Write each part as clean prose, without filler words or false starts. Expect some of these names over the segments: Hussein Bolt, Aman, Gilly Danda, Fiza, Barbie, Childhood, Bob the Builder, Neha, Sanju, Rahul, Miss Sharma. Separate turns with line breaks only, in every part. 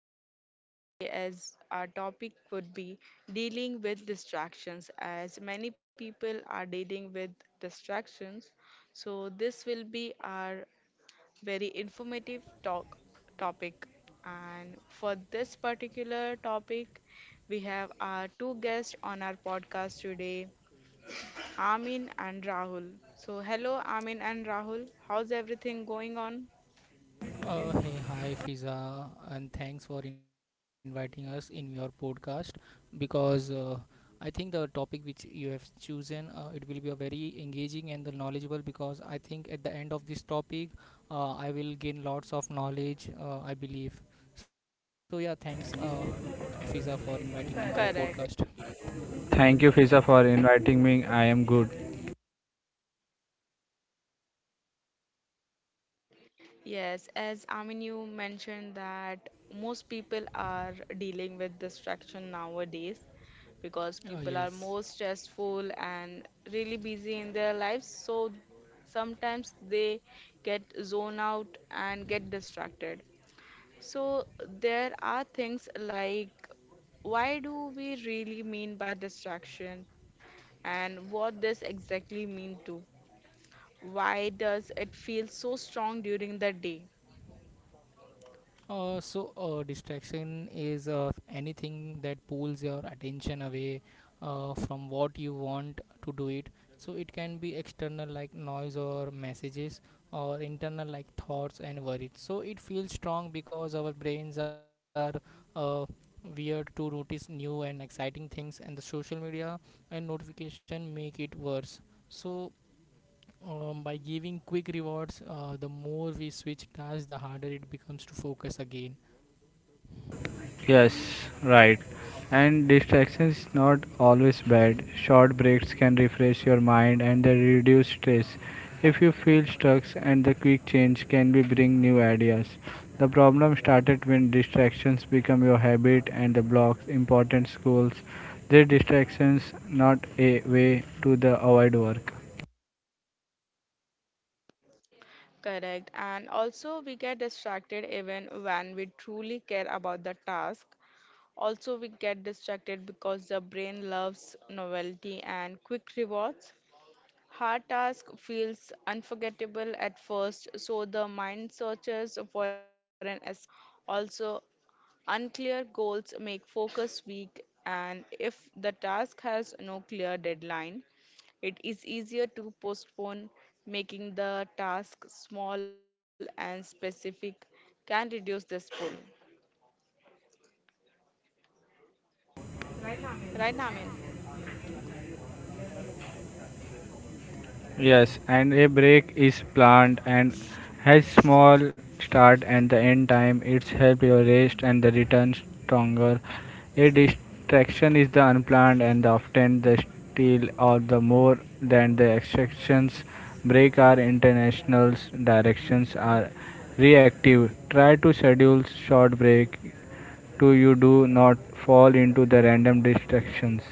podcast today, as our topic would be dealing with distractions, as many people are dealing with distractions. So this will be our very informative talk topic, and for this particular topic we have our two guests on our podcast today, Amin and Rahul. So hello Amin and Rahul, how's everything going on?
Hey, hi, Fiza, and thanks for inviting us in your podcast because I think the topic which you have chosen it will be a very engaging and the knowledgeable because I think at the end of this topic I will gain lots of knowledge. I believe. So yeah, thanks, Fiza, for inviting me in your podcast.
Correct.
Thank you, Fisa, for inviting me. I am good.
Yes, as Amin you mentioned that most people are dealing with distraction nowadays because people are
Yes.
more stressful and really busy in their lives. So sometimes they get zone out and get distracted. So there are things like why do we really mean by distraction and what this exactly mean to? Why does it feel so strong during the day?
So distraction is anything that pulls your attention away from what you want to do it. So, it can be external like noise or messages, or internal like thoughts and worries. So, it feels strong because our brains are uh, weird to notice new and exciting things, and the social media and notification make it worse. So, by giving quick rewards, the more we switch tasks, the harder it becomes to focus again.
Yes, right. And distraction is not always bad. Short breaks can refresh your mind and they reduce stress. If you feel stuck, and the quick change can be bring new ideas. The problem started when distractions become your habit and the blocks important goals. Their distractions not a way to the avoid work.
Correct. And also, we get distracted even when we truly care about the task. Also, we get distracted because the brain loves novelty and quick rewards. Hard task feels unforgettable at first, so the mind searches for an escape. Also, unclear goals make focus weak, and if the task has no clear deadline, it is easier to postpone. Making the task small and specific can reduce this pull. Right, Namin?
Yes, and a break is planned and has small start and the end time. It's help your rest and the return stronger. A distraction is the unplanned and often the steal or the more than the extractions. Break are internationals. Directions are reactive. Try to schedule short break to you do not fall into the random distractions.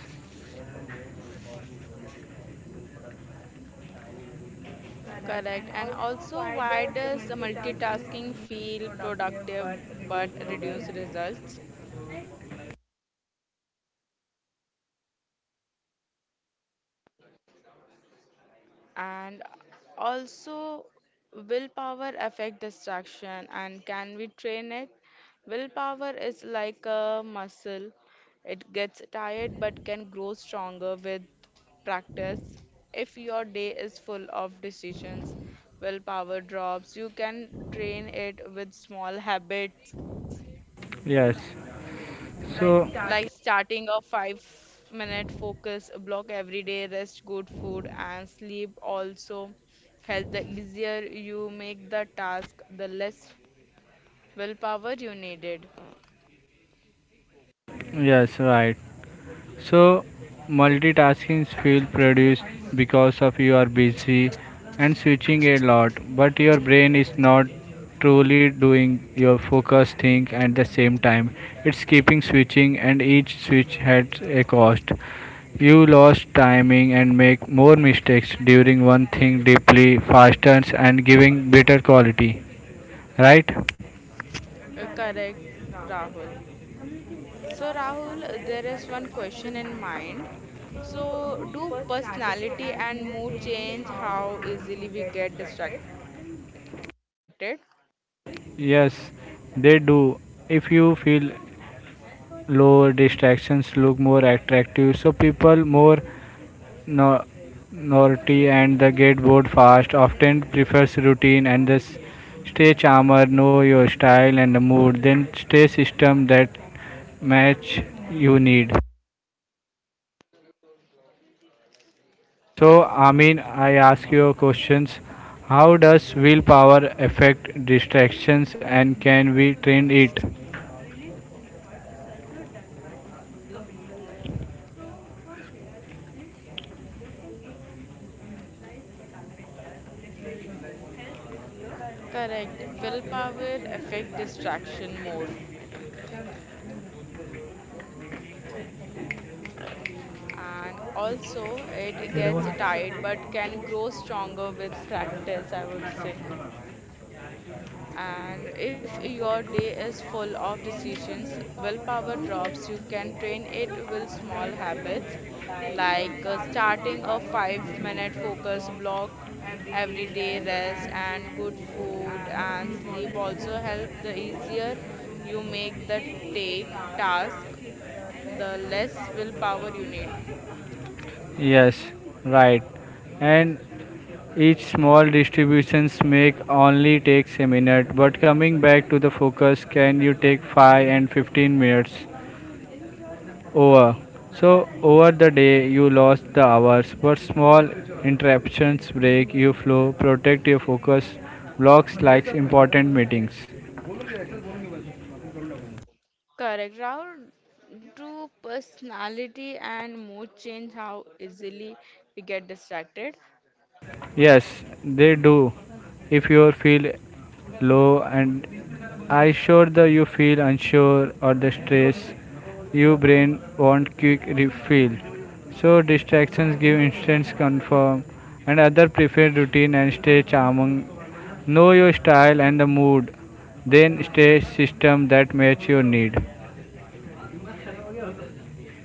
Correct. And also, why does multitasking feel productive but reduce results? And also, willpower affect distraction and can we train it. Willpower is like a muscle, it gets tired but can grow stronger with practice. If your day is full of decisions, willpower drops. You can train it with small habits
Yes. So
like starting a 5-minute focus block every day. Rest, good food, and sleep also help. The easier you make the task, the less willpower you needed.
yes, right. So, multitasking feel produced because of you are busy and switching a lot, but your brain is not truly doing your focus thing at the same time. It's keeping switching, and each switch has a cost. You lost timing and make more mistakes during one thing deeply, faster, and giving better quality. Right?
Correct, Rahul. So Rahul, there is one question in mind. So do personality and mood change how easily we get distracted?
Yes, they do. If you feel low distractions look more attractive, so people more no- naughty and they get bored fast, often prefers routine and the stay charmer. Know your style and the mood, then stay system that match you need. So, Amin, I ask you questions: how does willpower affect distractions and can we train it?
Correct, willpower affect distraction more, and also it gets tired but can grow stronger with practice, I would say. And if your day is full of decisions, willpower drops. You can train it with small habits like starting a 5-minute focus block every day. Rest and good food and sleep also help. The easier you make the take task, the less willpower you need.
Yes, right. And each small distributions make only takes a minute, but coming back to the focus can you take 5 and 15 minutes over. So over the day you lost the hours, but small interruptions break your flow, protect your focus, blocks like important meetings.
Correct, Rahul. Do personality and mood change how easily we get distracted?
Yes, they do. If you feel low and I sure that you feel unsure or the stress, your brain want quick refill. So distractions give instant comfort and other prefer routine and stay charming. Know your style and the mood, then stay system that match your need.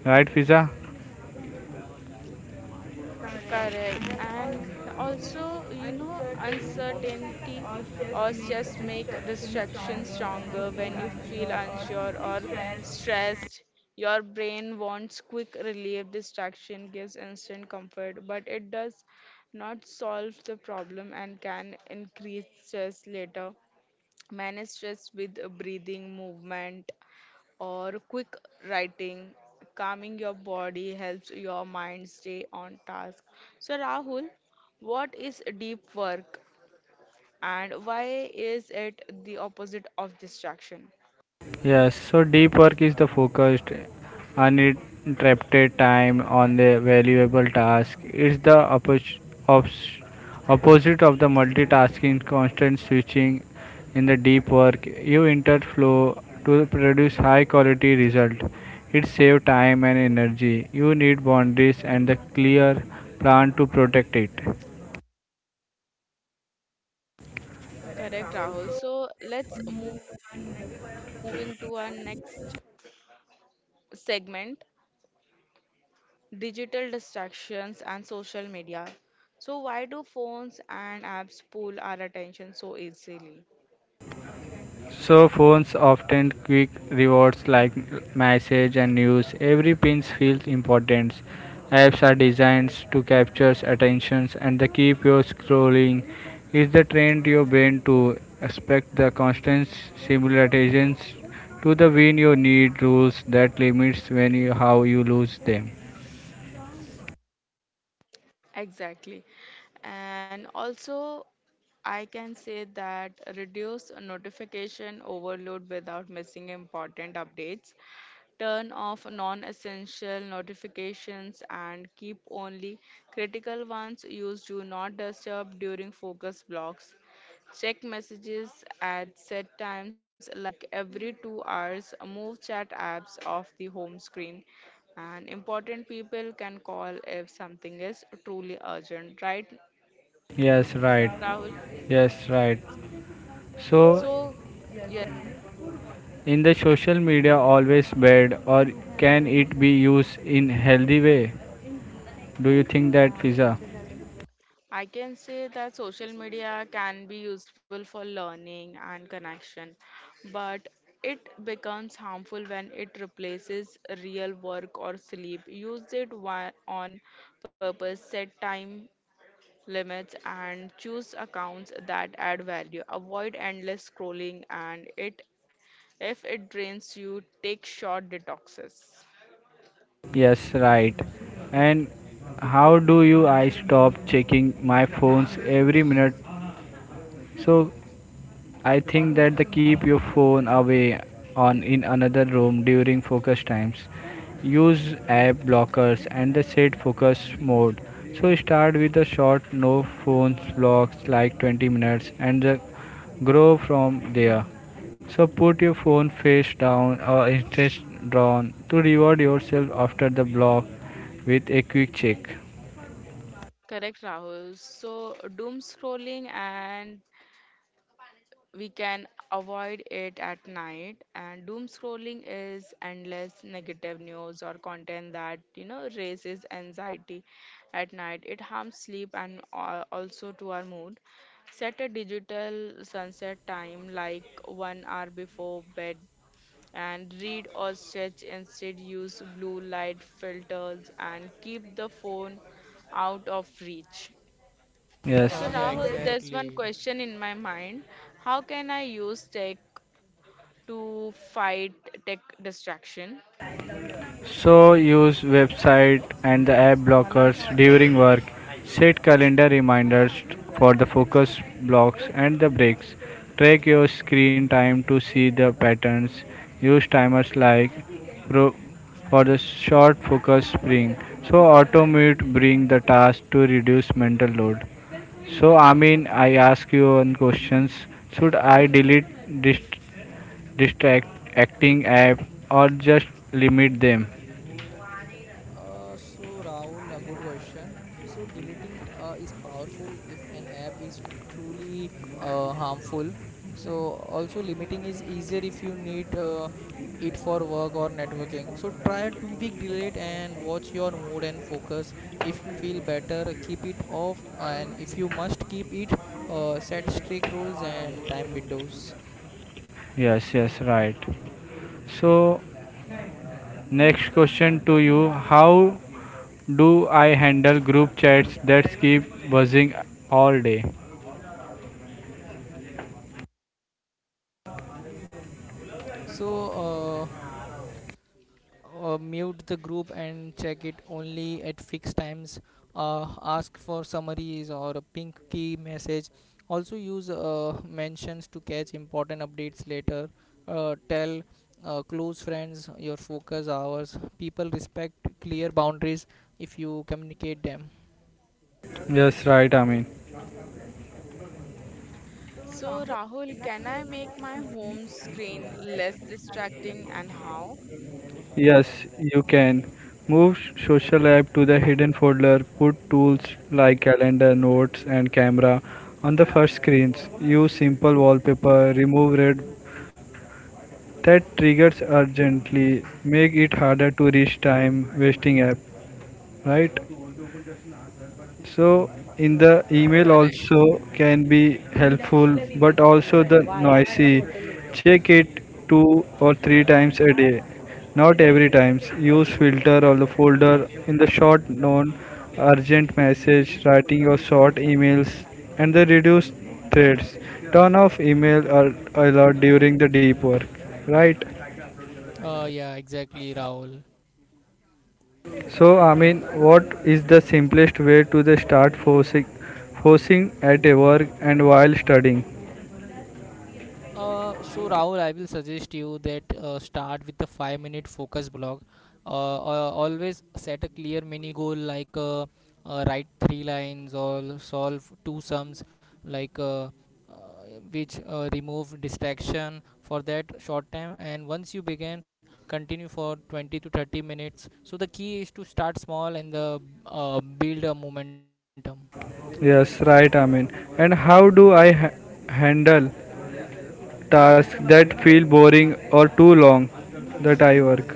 Right, Fiza?
Correct. And also, uncertainty or stress make distraction stronger when you feel unsure or stressed. Your brain wants quick relief. Distraction gives instant comfort, but it does not solve the problem and can increase stress later. Manage stress with breathing, movement, or quick writing. Calming your body helps your mind stay on task. So, Rahul, what is deep work and why is it the opposite of distraction?
Yes, so deep work is the focused, uninterrupted time on the valuable task. It's the ops- opposite of the multitasking, constant switching. In the deep work, you enter flow to produce high quality result. It saves time and energy. You need boundaries and the clear plan to protect it.
Correct, Rahul. So let's moving to our next segment, digital distractions and social media. So why do phones and apps pull our attention so easily?
So phones often quick rewards like message and news. Every pin feels important. Apps are designed to capture attentions and the keep you scrolling. Is the trained your brain to expect the constant simulations to the win you need rules that limits when you how you lose them.
Exactly. And also, I can say that reduce notification overload without missing important updates. Turn off non essential notifications and keep only critical ones. Use do not disturb during focus blocks. Check messages at set times like every 2 hours. Move chat apps off the home screen. And important people can call if something is truly urgent, right,
Yes, right.
Rahul?
Yes, right. So,
So
in the social media, always bad, or can it be used in healthy way? Do you think that, Pizza?
I can say that social media can be useful for learning and connection, but it becomes harmful when it replaces real work or sleep. Use it on purpose, set time limits, and choose accounts that add value. Avoid endless scrolling, and it if it drains you, take short detoxes.
Yes, right. And how do you I stop checking my phones every minute? So I think that the keep your phone away on in another room during focus times. Use app blockers and the set focus mode. So start with a short no phones blocks like 20 minutes and the grow from there. So put your phone face down or interest drawn to reward yourself after the block with a quick check.
Correct, Rahul. So doom scrolling, and we can avoid it at night. And doom scrolling is endless negative news or content that raises anxiety. At night it harms sleep and also to our mood. Set a digital sunset time like 1 hour before bed, and read or stretch instead. Use blue light filters and keep the phone out of reach.
Yes.
So
Yeah,
Rahul, there's one
exactly.
question in my mind. How can I use tech to fight tech distraction?
So use website and the app blockers during work. Set calendar reminders for the focus blocks and the breaks. Track your screen time to see the patterns. Use timers like pro for the short focus spring. So automate bring the task to reduce mental load. So, I mean, I ask you one questions. Should I delete distracting app or just limit them?
So Rahul, a good question. So deleting is powerful if an app is truly harmful. So also limiting is easier if you need it for work or networking. So try a 2-week delete and watch your mood and focus. If you feel better, keep it off, and if you must keep it, set strict rules and time windows.
Yes, yes, right. So, next question to you: how do I handle group chats that keep buzzing all day?
So uh, mute the group and check it only at fixed times. Ask for summaries or a pink key message. Also use mentions to catch important updates later. Tell close friends your focus hours. People respect clear boundaries if you communicate them.
Yes, right, I mean.
So Rahul, can I make my home screen less distracting, and how?
Yes, you can. Move social app to the hidden folder, put tools like calendar, notes, and camera on the first screens. Use simple wallpaper, remove red that triggers urgently, make it harder to reach time wasting app, right? So in the email
Correct.
also can be helpful, but also the noisy. Check it two or three times a day, not every times. Use filter or the folder in the short non urgent message, writing your short emails and the reduce threads. Turn off email alert during the deep work, right?
Yeah, exactly, Rahul.
So, I mean, what is the simplest way to the start forcing at a work and while studying?
So Rahul, I will suggest you that start with the 5 minute focus block. Always set a clear mini goal like write three lines or solve two sums, like uh, uh, which remove distraction for that short time. And once you begin, continue for 20 to 30 minutes. So the key is to start small and build a momentum.
Yes, right, I mean. And how do I handle tasks that feel boring or too long that I work?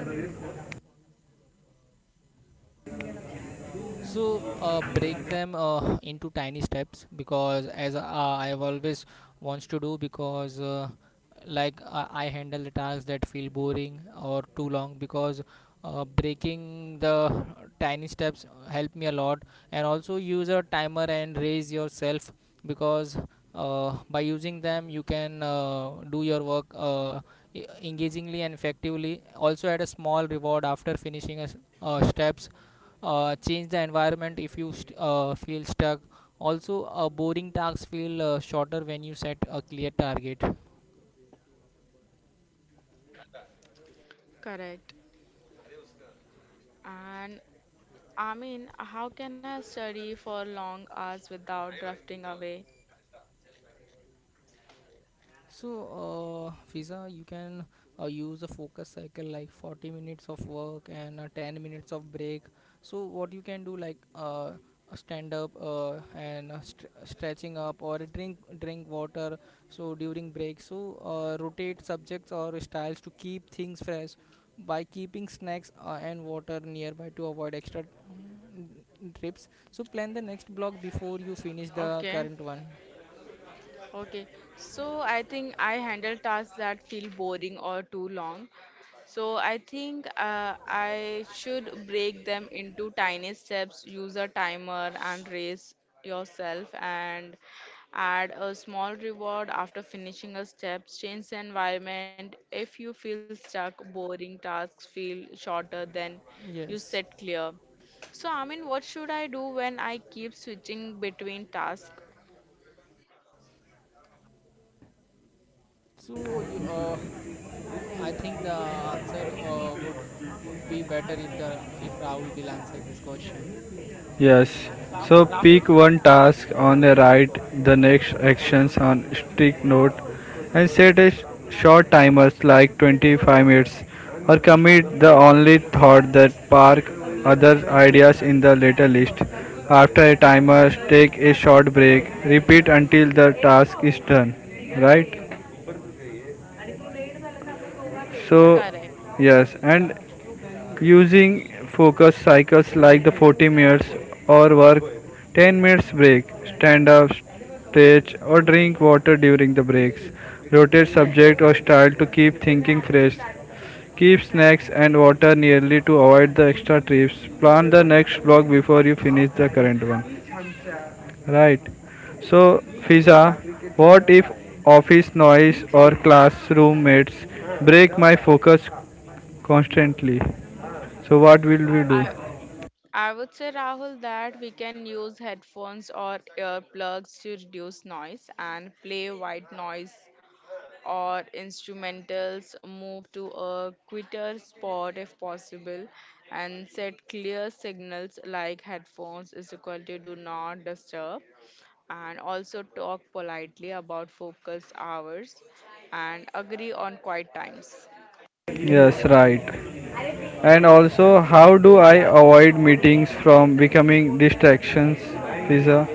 So break them into tiny steps because as I have always wants to do because I handle the tasks that feel boring or too long because breaking the tiny steps help me a lot, and also use a timer and raise yourself because by using them you can do your work engagingly and effectively. Also add a small reward after finishing steps. Change the environment if you feel stuck. Also, boring tasks feel shorter when you set a clear target.
Correct. And I mean, how can I study for long hours without drifting away?
So, Fiza, you can use a focus cycle like 40 minutes of work and 10 minutes of break. So, what you can do like a stand up and stretching up or drink water. So during break, rotate subjects or styles to keep things fresh by keeping snacks and water nearby to avoid extra trips. So plan the next block before you finish the
Okay.
current one.
Okay, so I think I handle tasks that feel boring or too long. So I think I should break them into tiny steps, use a timer and raise yourself, and add a small reward after finishing a step, change the environment. If you feel stuck, boring tasks feel shorter than you
Yes.
set clear. So I mean, what should I do when I keep switching between tasks?
So you I think the answer would be better if the if Rahul will answer this question.
Yes. So
Rahul,
pick one task on the right, the next actions on strict note, and set a short timers like 25 minutes, or commit the only thought that park other ideas in the later list. After a timer, take a short break. Repeat until the task is done. Right? So,
correct.
yes, and using focus cycles like the 40 minutes or work 10 minutes break, stand up, stretch, or drink water during the breaks. Rotate subject or style to keep thinking fresh. Keep snacks and water nearly to avoid the extra trips. Plan the next block before you finish the current one. Right. So, Fiza, what if office noise or classroom mates break my focus constantly? So, what will we do?
I I would say, Rahul, that we can use headphones or earplugs to reduce noise and play white noise or instrumentals, move to a quieter spot if possible, and set clear signals like headphones is equal to do not disturb, and also talk politely about focus hours and agree on quiet times.
Yes, right. And also, how do I avoid meetings from becoming distractions, Fiza?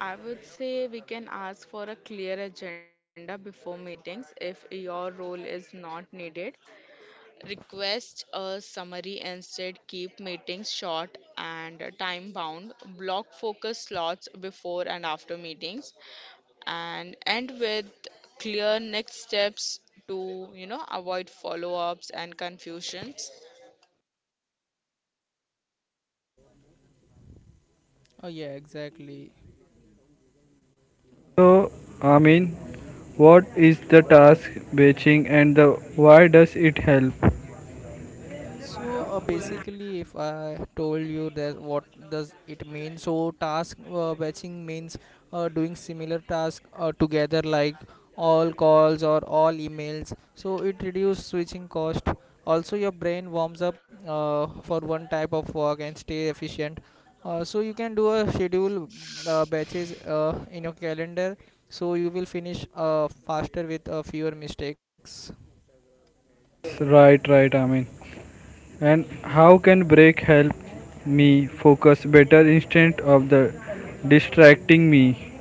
I would say we can ask for a clear agenda before meetings if your role is not needed. Request a summary instead, keep meetings short and time bound, block focus slots before and after meetings, and end with clear next steps to avoid follow ups and confusions.
Oh yeah, exactly.
So, I mean, what is the task batching and the why does it help?
So basically, if I told you that what does it mean, so task batching means doing similar task together, like all calls or all emails. So it reduces switching cost. Also, your brain warms up for one type of work and stay efficient. So you can do a schedule batches in your calendar, so you will finish faster with fewer mistakes.
Right, right, I mean. And how can break help me focus better instead of the distracting me?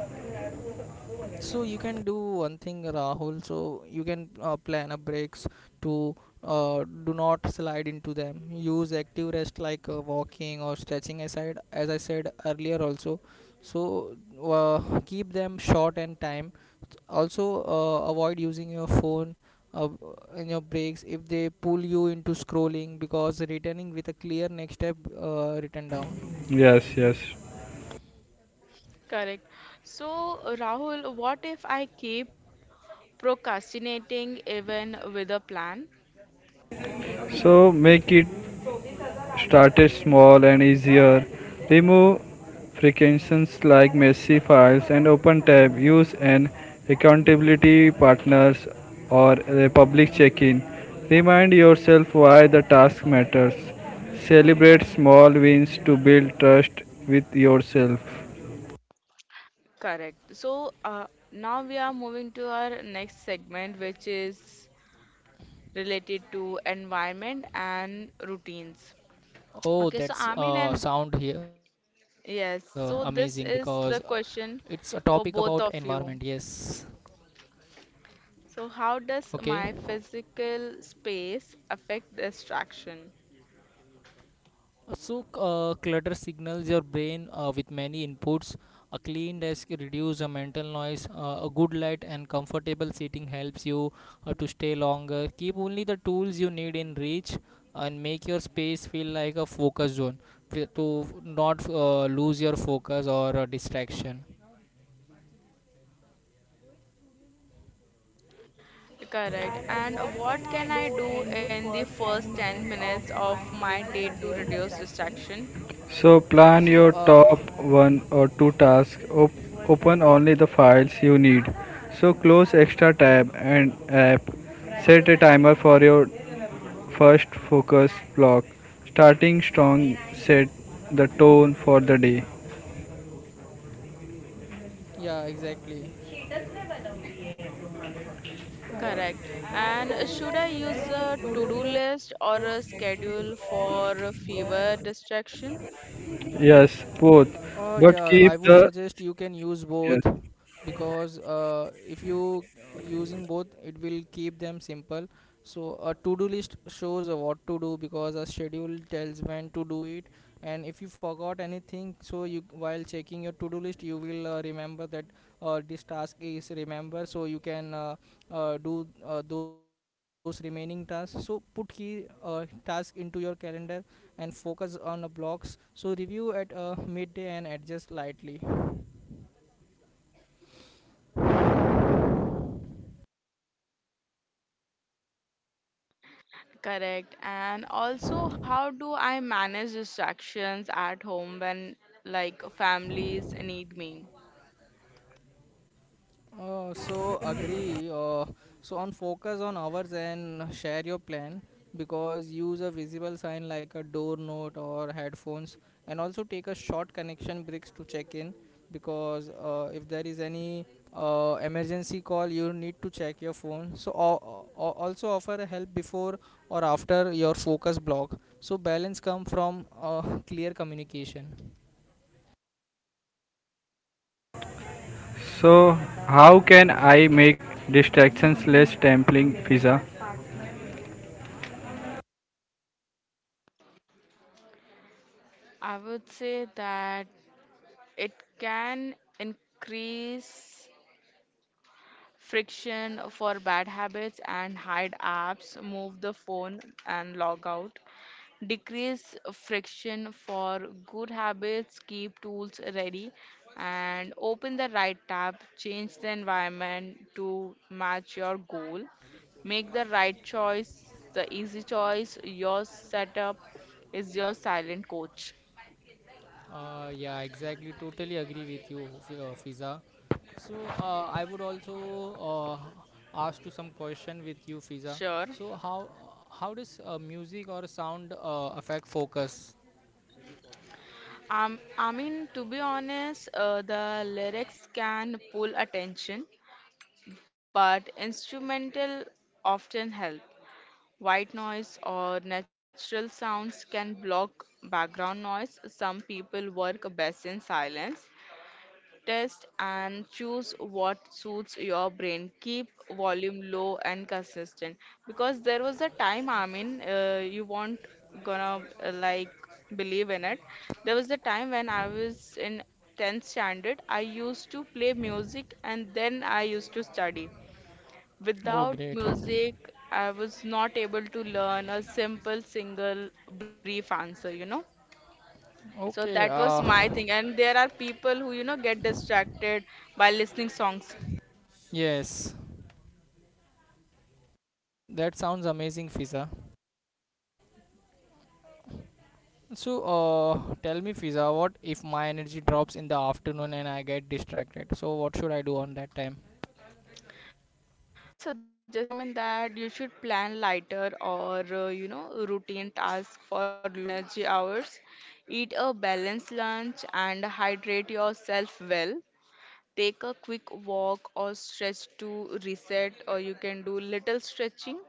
So you can do one thing, Rahul. So you can plan a breaks to do not slide into them. Use active rest like walking or stretching aside, as I said earlier also. So keep them short and time. Also, avoid using your phone uh, in your breaks if they pull you into scrolling because returning with a clear next step written down.
Yes, yes.
Correct. So, Rahul, what if I keep procrastinating even with a plan?
So make it started small and easier. Remove frictions like messy files and open tab. Use an accountability partners or a public check-in. Remind yourself why the task matters. Celebrate small wins to build trust with yourself.
Correct. So now we are moving to our next segment, which is related to environment and routines.
Oh,
Okay, so
that's
Amin
uh,
and
sound here amazing
yes,
because
so this
it's
is
a
the
topic
question
about
for
environment,
both of
yes.
you. So how
Okay.
does my physical space affect distraction?
So, clutter signals your brain with many inputs. A clean desk reduces your mental noise. A good light and comfortable seating helps you to stay longer. Keep only the tools you need in reach and make your space feel like a focus zone to not lose your focus or distraction.
Correct. And what can I do in the first 10 minutes of my day to reduce distraction?
So plan
So,
your
uh,
top one or two tasks. Open only the files you need. So close extra tab and app. Set a timer for your first focus block. Starting strong set the tone for the day.
yeah, exactly.
Correct. And should I use a to-do list or a schedule for fever distraction?
Yes, both.
Yeah, I
But
would
keep
suggest
the
you can use both
yes.
because if you using both, it will keep them simple. So a to-do list shows what to do because a schedule tells when to do it. And if you forgot anything, so you while checking your to-do list, you will remember that this task is remember. So you can do those remaining tasks. So put key task into your calendar and focus on the blocks. So review at midday and adjust lightly.
Correct. And also, how do I manage distractions at home when like families need me?
So agree. So on focus on hours and share your plan because use a visible sign like a door note or headphones, and also take a short connection breaks to check in because if there is any emergency call, you need to check your phone. So also offer a help before or after your focus block. So balance come from clear communication.
So, how can I make distractions less tempting, Fiza?
I would say that it can increase friction for bad habits and hide apps, move the phone and log out. Decrease friction for good habits, keep tools ready, and open the right tab, change the environment to match your goal, make the right choice, the easy choice. Your setup is your silent coach.
Yeah, exactly. Totally agree with you, Fiza. So I would also uh, ask to some question with you, Fiza.
Sure.
So how does music or sound affect focus?
I mean, to be honest, the lyrics can pull attention, but instrumental often help. White noise or natural sounds can block background noise. Some people work best in silence. Test and choose what suits your brain. Keep volume low and consistent, because there was a time, I mean, you won't gonna like believe in it. There was a time when I was in 10th standard, I used to play music and then I used to study.
Oh,
Without
great.
music, I was not able to learn a simple single brief answer. So that
Okay.
was my thing. And there are people who, get distracted by listening songs.
Yes, that sounds amazing, Fiza. So tell me, Fiza, what if my energy drops in the afternoon and I get distracted? So what should I do on that time?
I will suggest you, Amin, that you should plan lighter, or routine tasks for low energy hours. Eat a balanced lunch and hydrate yourself well. Take a quick walk or stretch to reset, or you can do little stretching,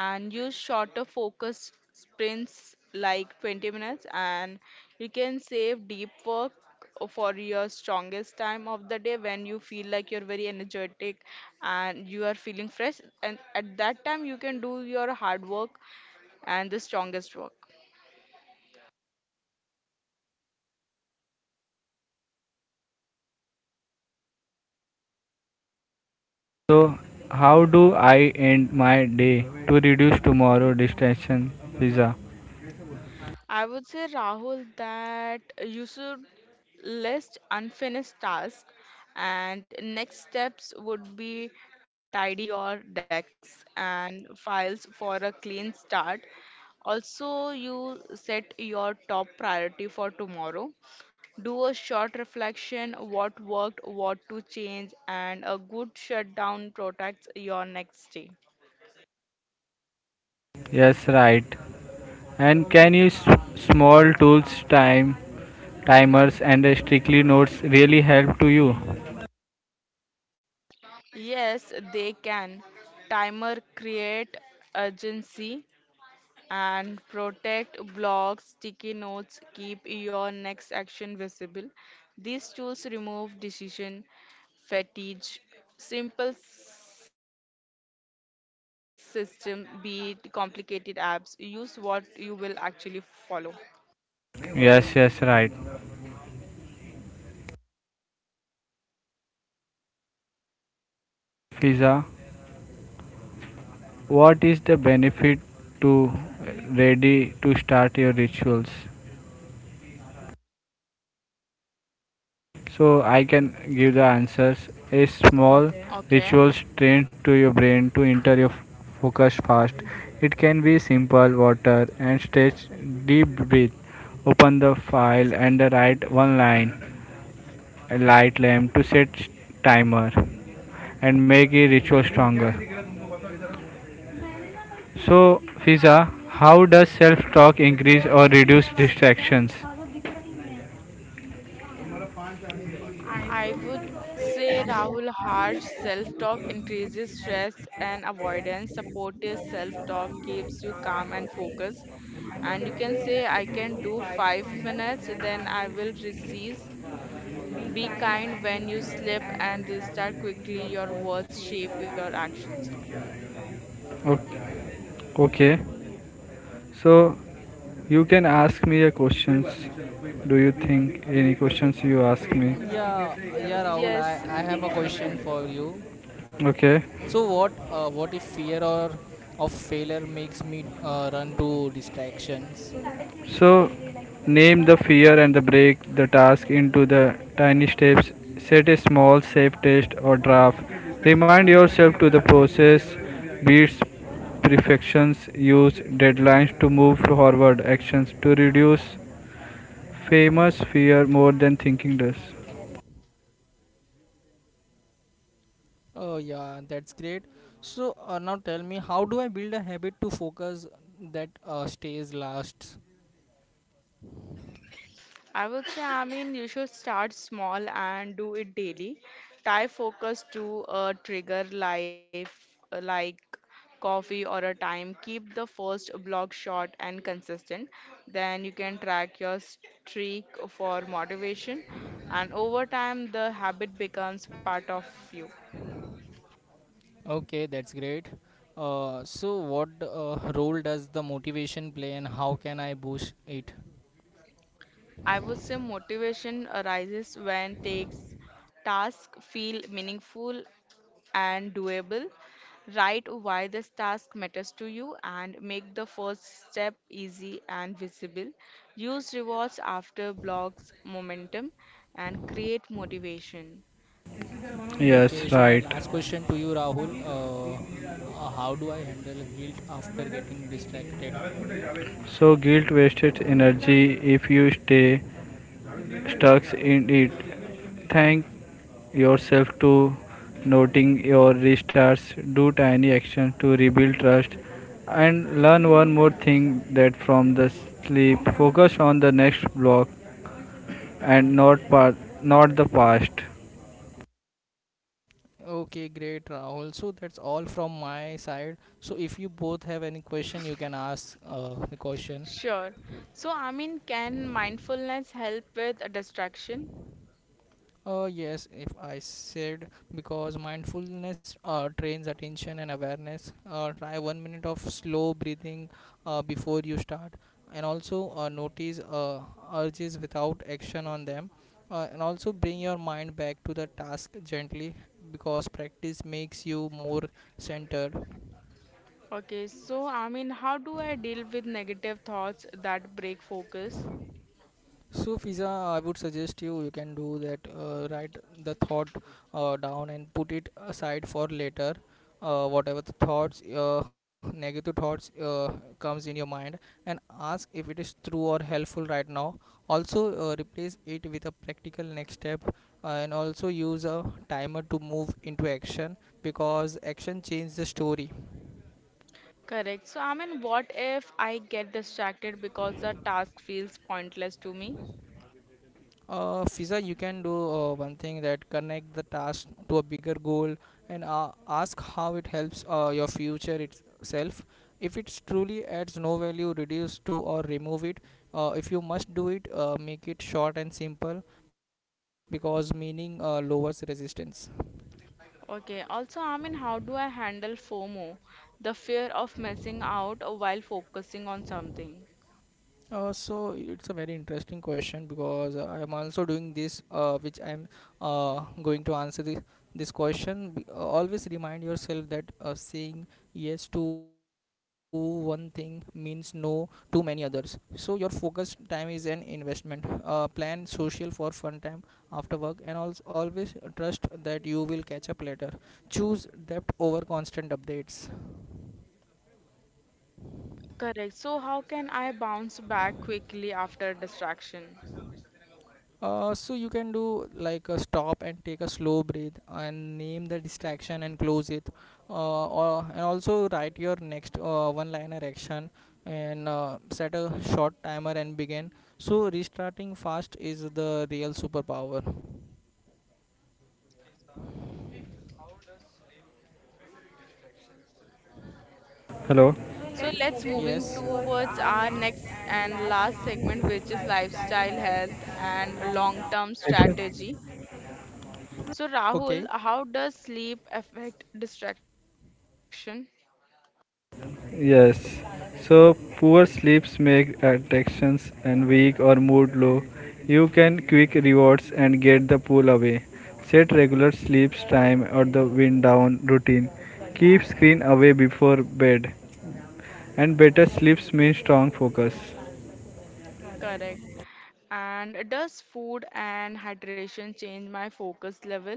and use shorter focus sprints like 20 minutes. And you can save deep work for your strongest time of the day, when you feel like you're very energetic and you are feeling fresh, and at that time you can do your hard work and the strongest work.
So, how do I end my day to reduce tomorrow distraction, Pizza?
I would say, Rahul, that you should list unfinished tasks, and next steps would be tidy your decks and files for a clean start. Also, you set your top priority for tomorrow. Do a short reflection, what worked, what to change, and a good shutdown protects your next day.
Yes, right. And can you small tools, time, timers, and strictly notes really help to you?
Yes, they can. Timer create urgency and protect blocks, sticky notes, keep your next action visible. These tools remove decision fatigue, simple system, beat complicated apps. Use what you will actually follow.
Yes, yes, right. Pizza. What is the benefit to ready to start your rituals? So I can give the answers. A small
Okay.
rituals trained to your brain to enter your focus fast. It can be simple water and stretch deep breath. Open the file and write one line. A light lamp to set timer and make a ritual stronger. So, Fiza, how does self-talk increase or reduce distractions?
I would say Rahul, harsh self-talk increases stress and avoidance. Supportive self-talk keeps you calm and focused. And you can say, I can do 5 minutes, then I will cease. Be kind when you slip and restart quickly. Your words shape your actions.
Okay. Okay. So, you can ask me a questions. Do you think any questions you ask me?
Yeah, yeah,
Yes,
Rahul. I have a question for you.
Okay.
So what if fear or of failure makes me run to distractions?
So name the fear and the break the task into the tiny steps. Set a small safe test or draft. Remind yourself to the process beats perfections, use deadlines to move forward actions to reduce famous fear more than thinking does.
Oh yeah, that's great. So now tell me, how do I build a habit to focus that stays lasts?
I would say, I mean, you should start small and do it daily. Tie focus to a trigger life like coffee or a time. Keep the first block short and consistent. Then you can track your streak for motivation, and over time, the habit becomes part of you.
Okay, that's great. So what role does the motivation play and how can I boost it?
I would say motivation arises when takes tasks feel meaningful and doable. Write why this task matters to you and make the first step easy and visible. Use rewards after blocks momentum and create motivation.
Okay, so
Yes,
my
right.
last question to you, Rahul. How do I handle guilt after getting distracted?
So guilt wasted energy if you stay stuck in it. Thank yourself to noting your restarts. Do tiny actions to rebuild trust and learn one more thing that from the sleep, focus on the next block and not part, not the past.
Okay, great, Rahul. So that's all from my side. So if you both have any question, you can ask the question.
Sure. So, I mean, can mindfulness help with a distraction?
Yes, if I said because mindfulness trains attention and awareness. Try 1 minute of slow breathing before you start, and also notice urges without action on them, and also bring your mind back to the task gently because practice makes you more centered.
Okay, so I mean, how do I deal with negative thoughts that break focus?
So, Fiza, I would suggest you can do that. Write the thought down and put it aside for later. Whatever the thoughts, negative thoughts comes in your mind, and ask if it is true or helpful right now. Also, replace it with a practical next step, and also use a timer to move into action because action changes the story.
Correct. So, I mean, what if I get distracted because the task feels pointless to me?
Fiza, you can do one thing that connect the task to a bigger goal and ask how it helps your future itself. If it truly adds no value, reduce to or remove it. If you must do it, make it short and simple because meaning lowers resistance.
Okay, also, I mean, how do I handle FOMO, the fear of missing out while focusing on something?
So it's a very interesting question because I am also doing this, which I am going to answer this, this question. Always remind yourself that saying yes to one thing means no to many others. So your focus time is an investment. Plan social for fun time after work, and also always trust that you will catch up later. Choose depth over constant updates.
Correct. So how can I bounce back quickly after distraction?
So you can do like a stop and take a slow breath and name the distraction and close it and also write your next one liner action and set a short timer and begin, so restarting fast is the real superpower.
Hello.
So let's moving
Yes,
towards our next and last segment, which is lifestyle, health, and long-term strategy. So,
okay.
Rahul, how does sleep affect distraction?
Yes. So poor sleeps make attractions and weak or mood low. You can quick rewards and get the pull away. Set regular sleeps time or the wind down routine. Keep screen away before bed. And better sleeps mean strong focus.
Correct. And does food and hydration change my focus level?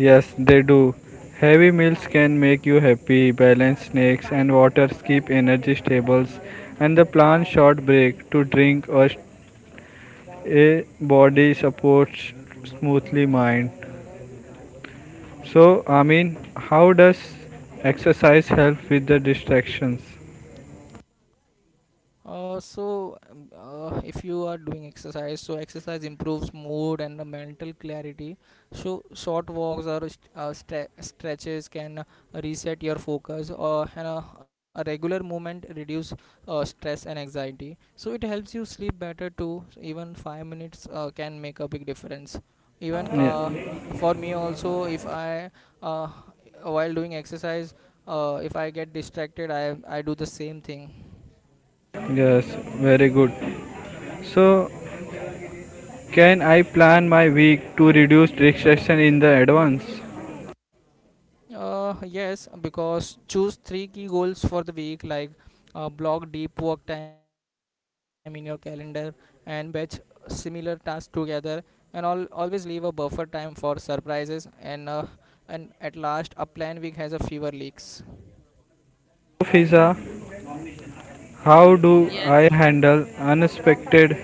Yes, they do. Heavy meals can make you happy, balanced snacks and waters keep energy stables and the plan short break to drink or a body supports smoothly mind. So, I mean, how does exercise help with the distractions?
So, if you are doing exercise, so exercise improves mood and the mental clarity. So, short walks or stretches can reset your focus, or and, a regular movement reduce stress and anxiety. So, it helps you sleep better too. So even 5 minutes can make a big difference. Even
Yeah,
for me also, if I uh, while doing exercise, if I get distracted, I do the same thing.
yes, very good. So, can I plan my week to reduce distraction in the advance,
Yes, because choose three key goals for the week, like block deep work time in your calendar and batch similar tasks together, and all always leave a buffer time for surprises. And and at last, a plan week has a fewer leaks.
Fiza? How do I handle unexpected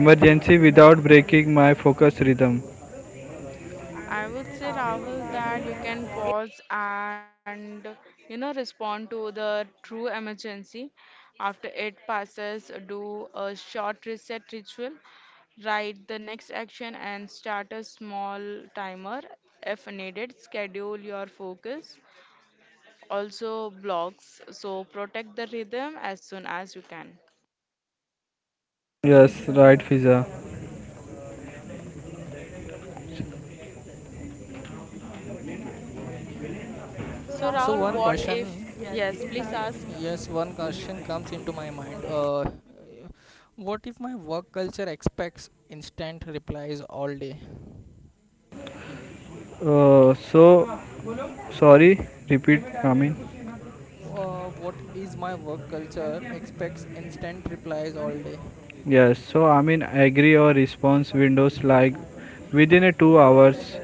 emergency without breaking my focus rhythm?
I would say, Rahul, that you can pause and respond to the true emergency. After it passes, do a short reset ritual, write the next action, and start a small timer if needed. Schedule your focus. Also, blocks. So protect the rhythm as soon as you can.
Yes, right, Fiza.
So,
So
Rahul,
one
what if?
question,
Yes, please ask.
yes, one question comes into my mind. What if my work culture expects instant replies all day?
So, sorry, repeat, I mean.
What is my work culture expects instant replies all day?
Yes, so I mean agree or response windows like within a 2 hours,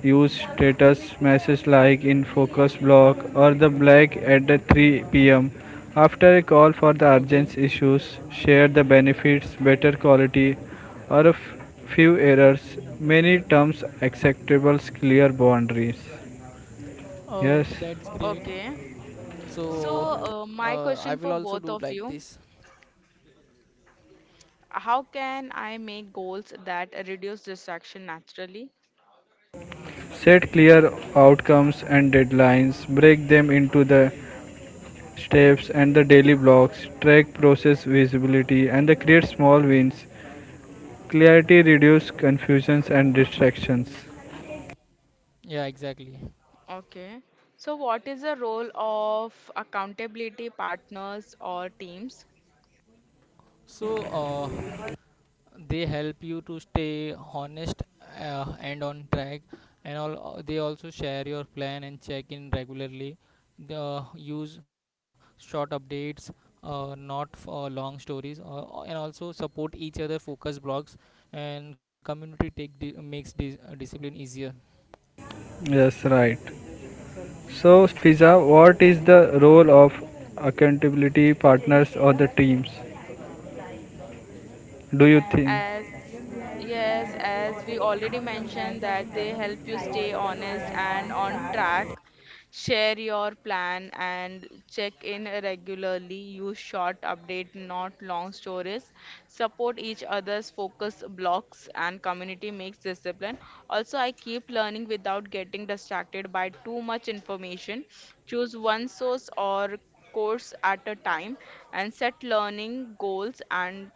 use status message like in focus block or the black at the 3 p.m., after a call for the
Okay.
urgent issues share the benefits better quality or a few errors many terms acceptable clear boundaries.
Oh,
Yes,
that's great.
Okay. So,
so
my
uh, I
question
will
for
also
both
do
of
like
you.
this.
How can I make goals that reduce distraction naturally?
set clear outcomes and deadlines, break them into the steps and the daily blocks, track process visibility and the create small wins. Clarity reduce confusions and distractions.
Yeah, exactly.
Okay. So what is the role of accountability partners or teams?
So, uh, they help you to stay honest and on track and all they also share your plan and check in regularly, the use short updates not for long stories and also support each other focus blogs and community take makes discipline easier.
Yes, right. So, Fiza, what is the role of accountability partners or the teams? Do you think?
As yes, as we already mentioned that they help you stay honest and on track, share your plan and check in regularly, use short update, not long stories, support each other's focus blocks and community makes discipline. Also, I keep learning without getting distracted by too much information. Choose one source or course at a time, and set learning goals and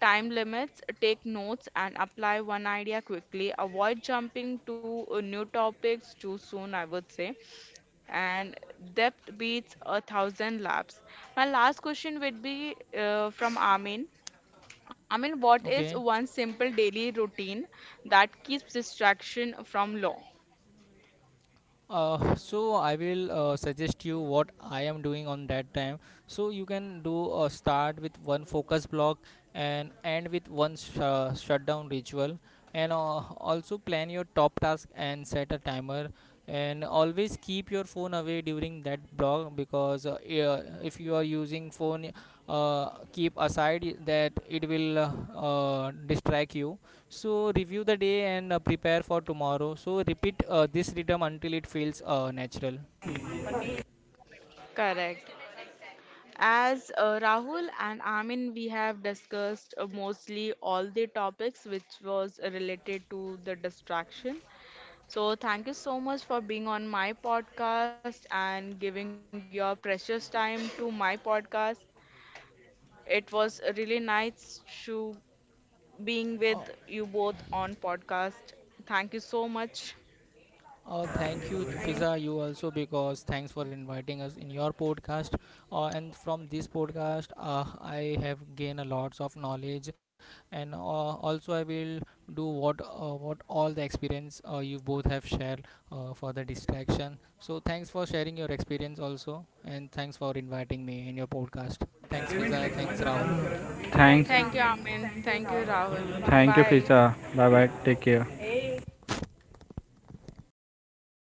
time limits, take notes and apply one idea quickly. Avoid jumping to new topics too soon, I would say. And depth beats a thousand laps. My last question would be from Amin. Amin, what is
Okay.
one simple daily routine that keeps distraction from law?
So I will suggest you what I am doing on that time. So you can do a start with one focus block and end with one shutdown ritual, and also plan your top task and set a timer. And always keep your phone away during that block because yeah, if you are using phone, keep aside that it will distract you. So review the day and prepare for tomorrow. So repeat this rhythm until it feels natural.
Correct. As Rahul and Amin, we have discussed mostly all the topics which was related to the distraction. So thank you so much for being on my podcast and giving your precious time to my podcast. It was really nice to being with you both on podcast. Thank you so much.
Thank you, Fiza. You also because thanks for inviting us in your podcast. And from this podcast, I have gained a lots of knowledge, and also I will do what all the experience you both have shared for the distraction. So thanks for sharing your experience also, and thanks for inviting me in your podcast. Thanks, Fiza. Thanks, Rahul.
Thanks.
Thank you, Amin. Thank you, Rahul.
Thank you,
Bye.
Fiza. Bye bye. Take care.